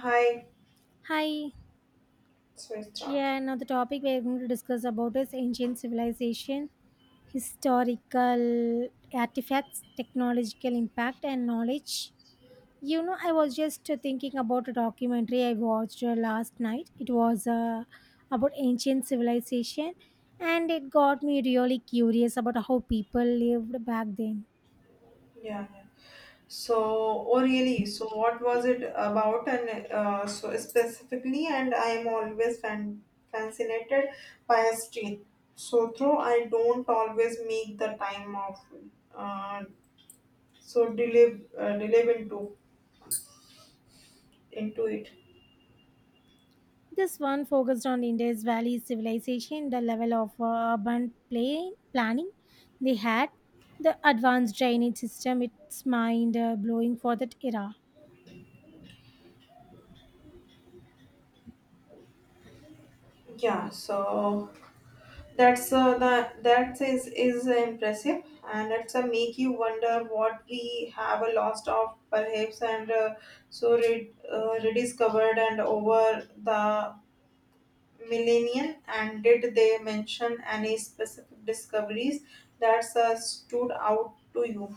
Hi. Hi. So I start. Yeah, now the topic we're going to discuss about is ancient civilization, historical artifacts, technological impact, and knowledge. You know, I was just thinking about a documentary I watched last night. It was about ancient civilization, and it got me really curious about how people lived back then. Yeah. So, oh really? So, what was it about? And so specifically, and I am always fan fascinated by history. So, though I don't always make the time of, uh, so delve into it. This one focused on Indus Valley civilization, the level of urban play, planning they had, the advanced drainage system, its mind blowing for that era. Yeah. So. That's the that is impressive, and it's a make you wonder what we have a lost of perhaps, and so rediscovered and over the millennium. And did they mention any specific discoveries that stood out to you?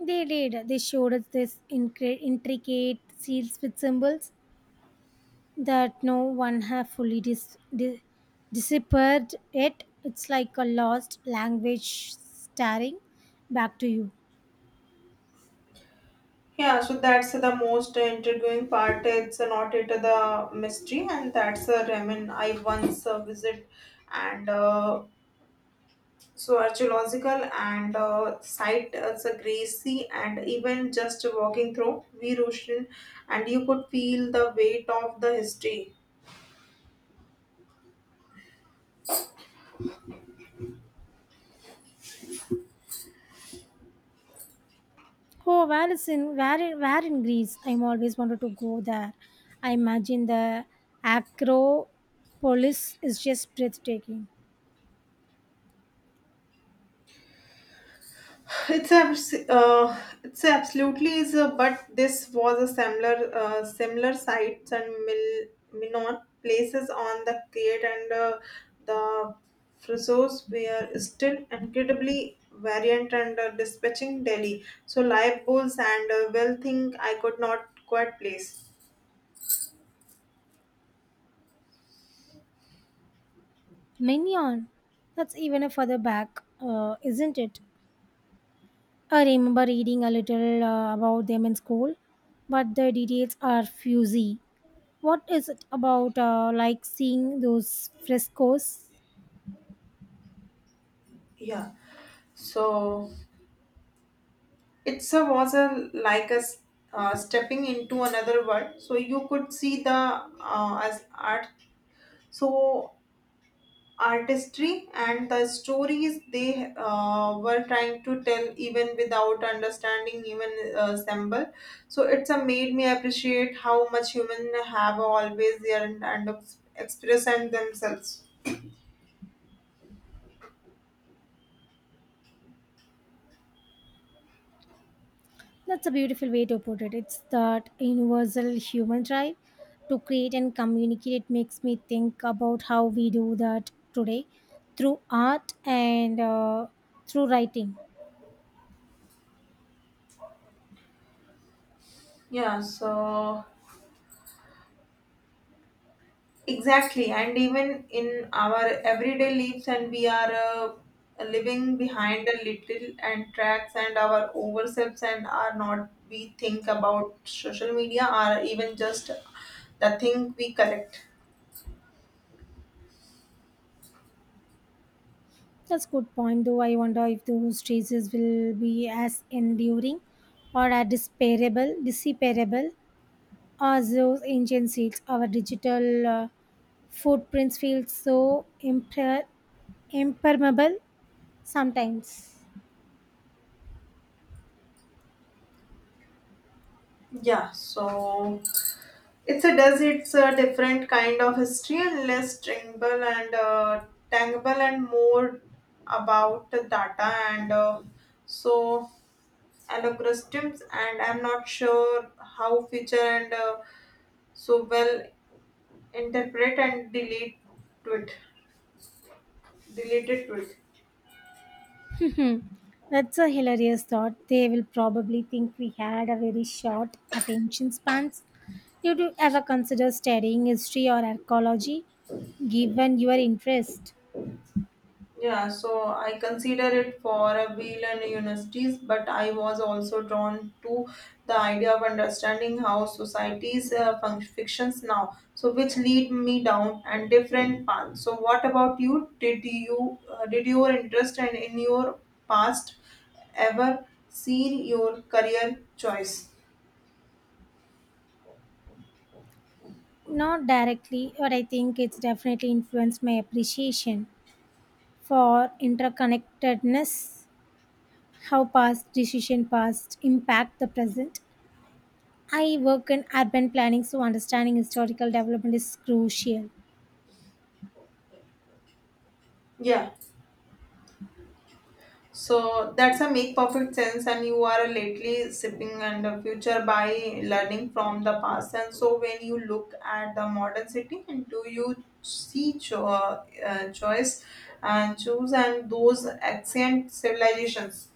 They did. They showed us this intricate seals with symbols that no one have fully deciphered yet. It's like a lost language staring back to you. Yeah, so that's the most intriguing part. It's not it the mystery, and that's a ramen I once visit, and so archaeological and site as a Gracie, and even just walking through Virushin, and you could feel the weight of the history. Oh, where is in where in Greece? I'm always wanted to go there. I imagine the Acropolis is just breathtaking. It's absolutely is a, but this was a similar sites and Minon places on the Crete, and the Frisos were still incredibly variant and dispatching Delhi. So live bulls and well think I could not quite place. Mignon, that's even a further back, isn't it? I remember reading a little about them in school, but the details are fuzzy. What is it about like seeing those frescoes? Yeah. So it's a was a like a stepping into another world. So you could see the as art. So artistry and the stories they were trying to tell even without understanding even symbol. So it's a made me appreciate how much human have always their and express and themselves. That's a beautiful way to put it. It's that universal human drive to create and communicate. It makes me think about how we do that today through art and through writing. Yeah. So. Exactly, and even in our everyday lives, and we are living behind a little and tracks and our overselves, and are not we think about social media or even just the thing we collect. That's good point, though. I wonder if those traces will be as enduring or as disparable as those ancient seals. Our digital footprints feel so impermeable sometimes. Yeah, so it's a different kind of history and less tangible and more about the data and so allocrustums, and I'm not sure how future and so well interpret and to it deleted to it. That's a hilarious thought. They will probably think we had a very short attention spans. Did you ever consider studying history or archaeology given your interest? Yeah, so I consider it for a wheel and universities, but I was also drawn to the idea of understanding how societies fictions now, so which lead me down and different paths. So, what about you? Did your interest and in your past ever see your career choice? Not directly, but I think it's definitely influenced my appreciation for interconnectedness, how past decision past impact the present. I work in urban planning, so understanding historical development is crucial. Yeah. So that's a make perfect sense, and you are lately sipping and the future by learning from the past. And so when you look at the modern city, and do you see choice and choose and those ancient civilizations?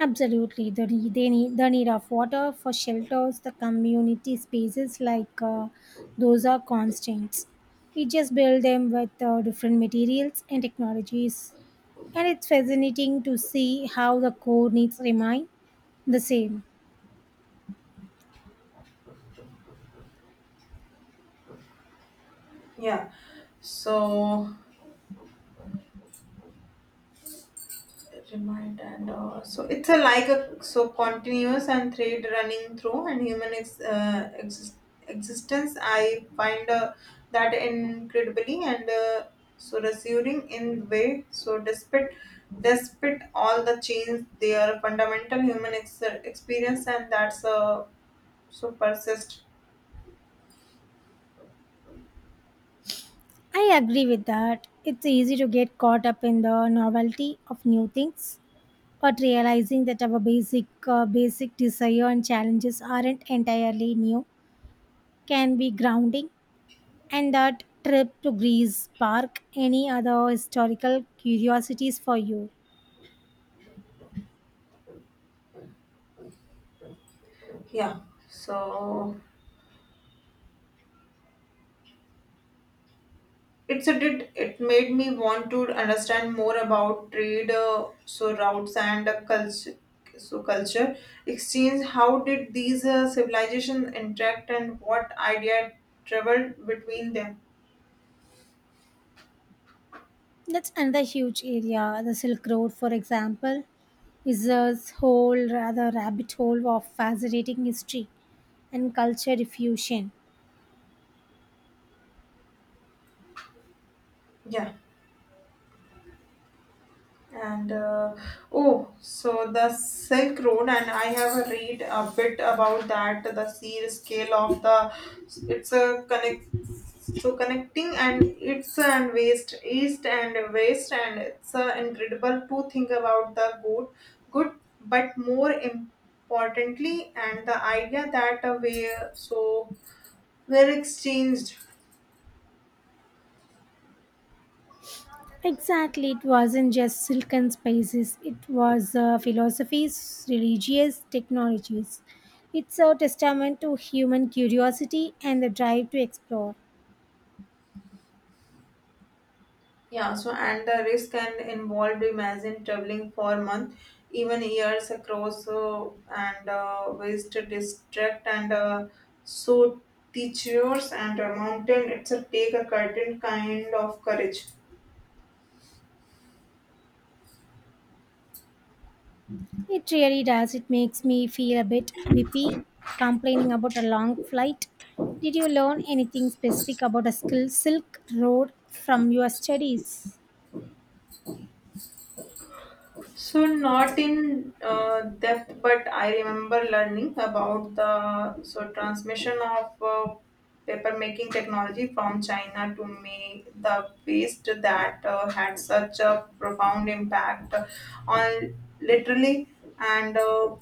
Absolutely, they need the need of water for shelters, the community spaces like those are constants. We just build them with different materials and technologies, and it's fascinating to see how the core needs remain the same. Yeah. So remind and so it's a like a so continuous and thread running through and human existence. I find that incredibly and so reassuring in way, so despite all the change, they are fundamental human experience and that's so persist. I agree with that. It's easy to get caught up in the novelty of new things, but realizing that our basic basic desire and challenges aren't entirely new can be grounding. And that trip to Greece Park, any other historical curiosities for you? Yeah, so it's a did it made me want to understand more about trade, so routes and culture exchange. How did these civilizations interact, and what idea traveled between them? That's another huge area. The Silk Road, for example, is a whole rather rabbit hole of fascinating history and culture diffusion. Yeah. And oh, so the Silk Road, and I have read a bit about that. The sheer scale of the it's a connecting and it's and waste east and west, and it's incredible to think about the good, but more importantly, and the idea that so we're exchanged. Exactly, it wasn't just silken spaces, it was philosophies, religious technologies. It's a testament to human curiosity and the drive to explore. Yeah, so and the risk can involved imagine traveling for months, even years across and waste district and so teachers and a mountain. It's a take a certain kind of courage. It really does. It makes me feel a bit whippy complaining about a long flight. Did you learn anything specific about a skill Silk Road from your studies? So not in depth, but I remember learning about the so transmission of paper making technology from China to me the waste that had such a profound impact on literally and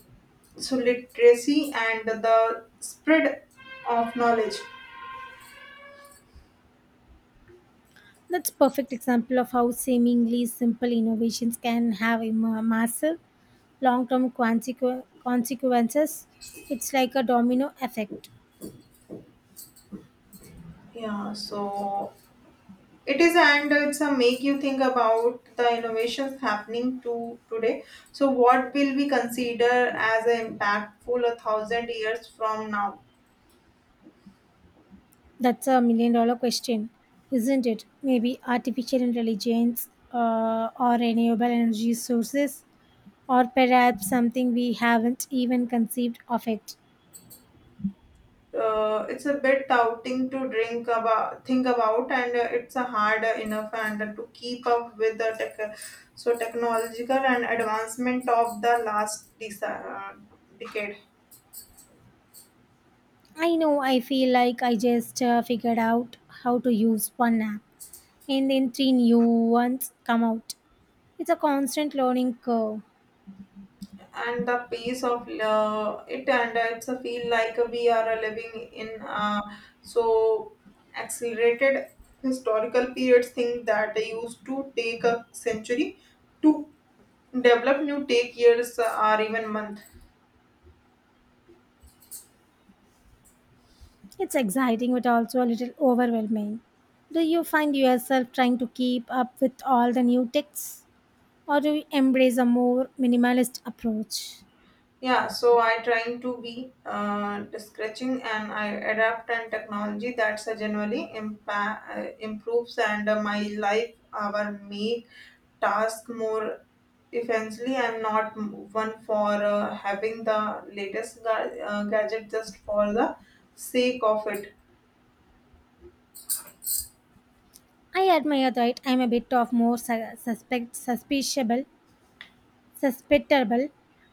so literacy and the spread of knowledge. That's perfect example of how seemingly simple innovations can have a massive long-term consequences. It's like a domino effect. Yeah, so it is, and it's a make you think about the innovations happening to today. So, what will we consider as an impactful 1,000 years from now? That's a million-dollar question, isn't it? Maybe artificial intelligence or renewable energy sources or perhaps something we haven't even conceived of it. It's a bit touting to think about, and it's a hard enough and to keep up with the technological and advancement of the last decade. I know I feel like I just figured out how to use one app and then three new ones come out. It's a constant learning curve. And the pace of it, and it's a feel like we are living in so accelerated historical periods thing that used to take a century to develop new take years or even months. It's exciting but also a little overwhelming. Do you find yourself trying to keep up with all the new techs or do you embrace a more minimalist approach? Yeah, so I trying to be scratching, and I adapt and technology that's generally improves and my life our make task more eventually. I'm not one for having the latest gadget just for the sake of it. I admire that. I'm a bit of more suspiciable susceptible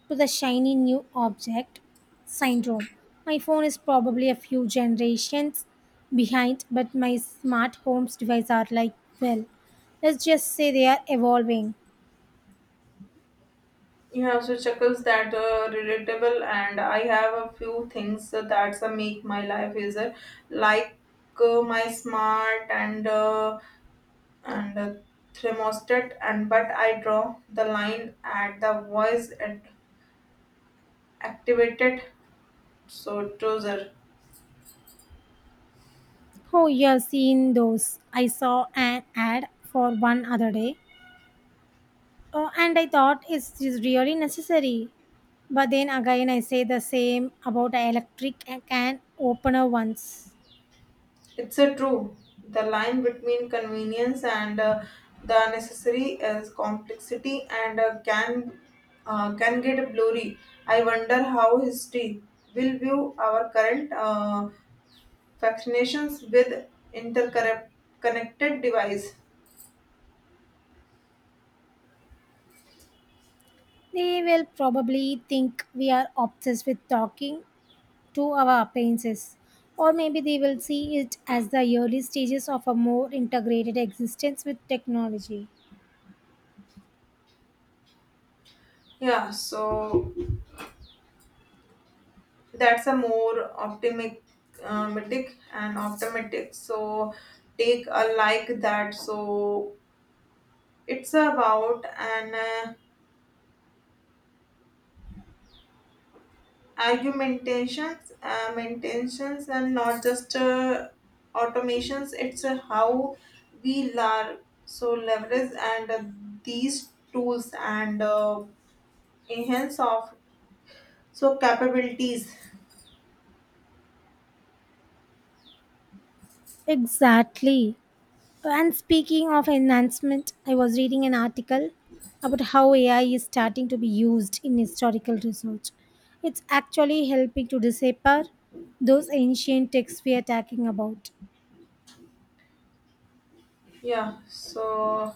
to the shiny new object syndrome. My phone is probably a few generations behind, but my smart homes devices are like, well, let's just say they are evolving. Yeah, so chuckles that relatable, and I have a few things that's make my life easier, like my smart and thermostat and, but I draw the line at the voice at activated so tozer. Oh, you've seen those. I saw an ad for one other day. Oh, and I thought it's is really necessary. But then again, I say the same about a electric can opener ones. It's a true the line between convenience and the necessary is complexity and can get blurry. I wonder how history will view our current vaccinations with interconnected device. They will probably think we are obsessed with talking to our appearances. Or maybe they will see it as the early stages of a more integrated existence with technology. Yeah, so that's a more optimistic so take a like that, so it's about an argumentations maintains and not just automations, it's how we learn so leverage and these tools and enhance of so capabilities. Exactly. And speaking of enhancement, I was reading an article about how AI is starting to be used in historical research. It's actually helping to decipher those ancient texts we are talking about. Yeah, so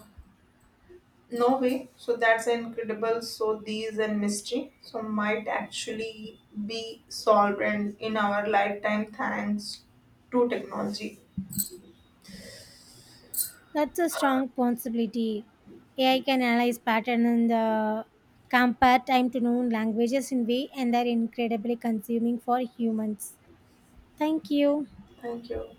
no way. So that's incredible. So these and mystery. So might actually be solved in our lifetime thanks to technology. That's a strong possibility. AI can analyze pattern and compare time to known languages in way and they're incredibly consuming for humans. Thank you. Thank you.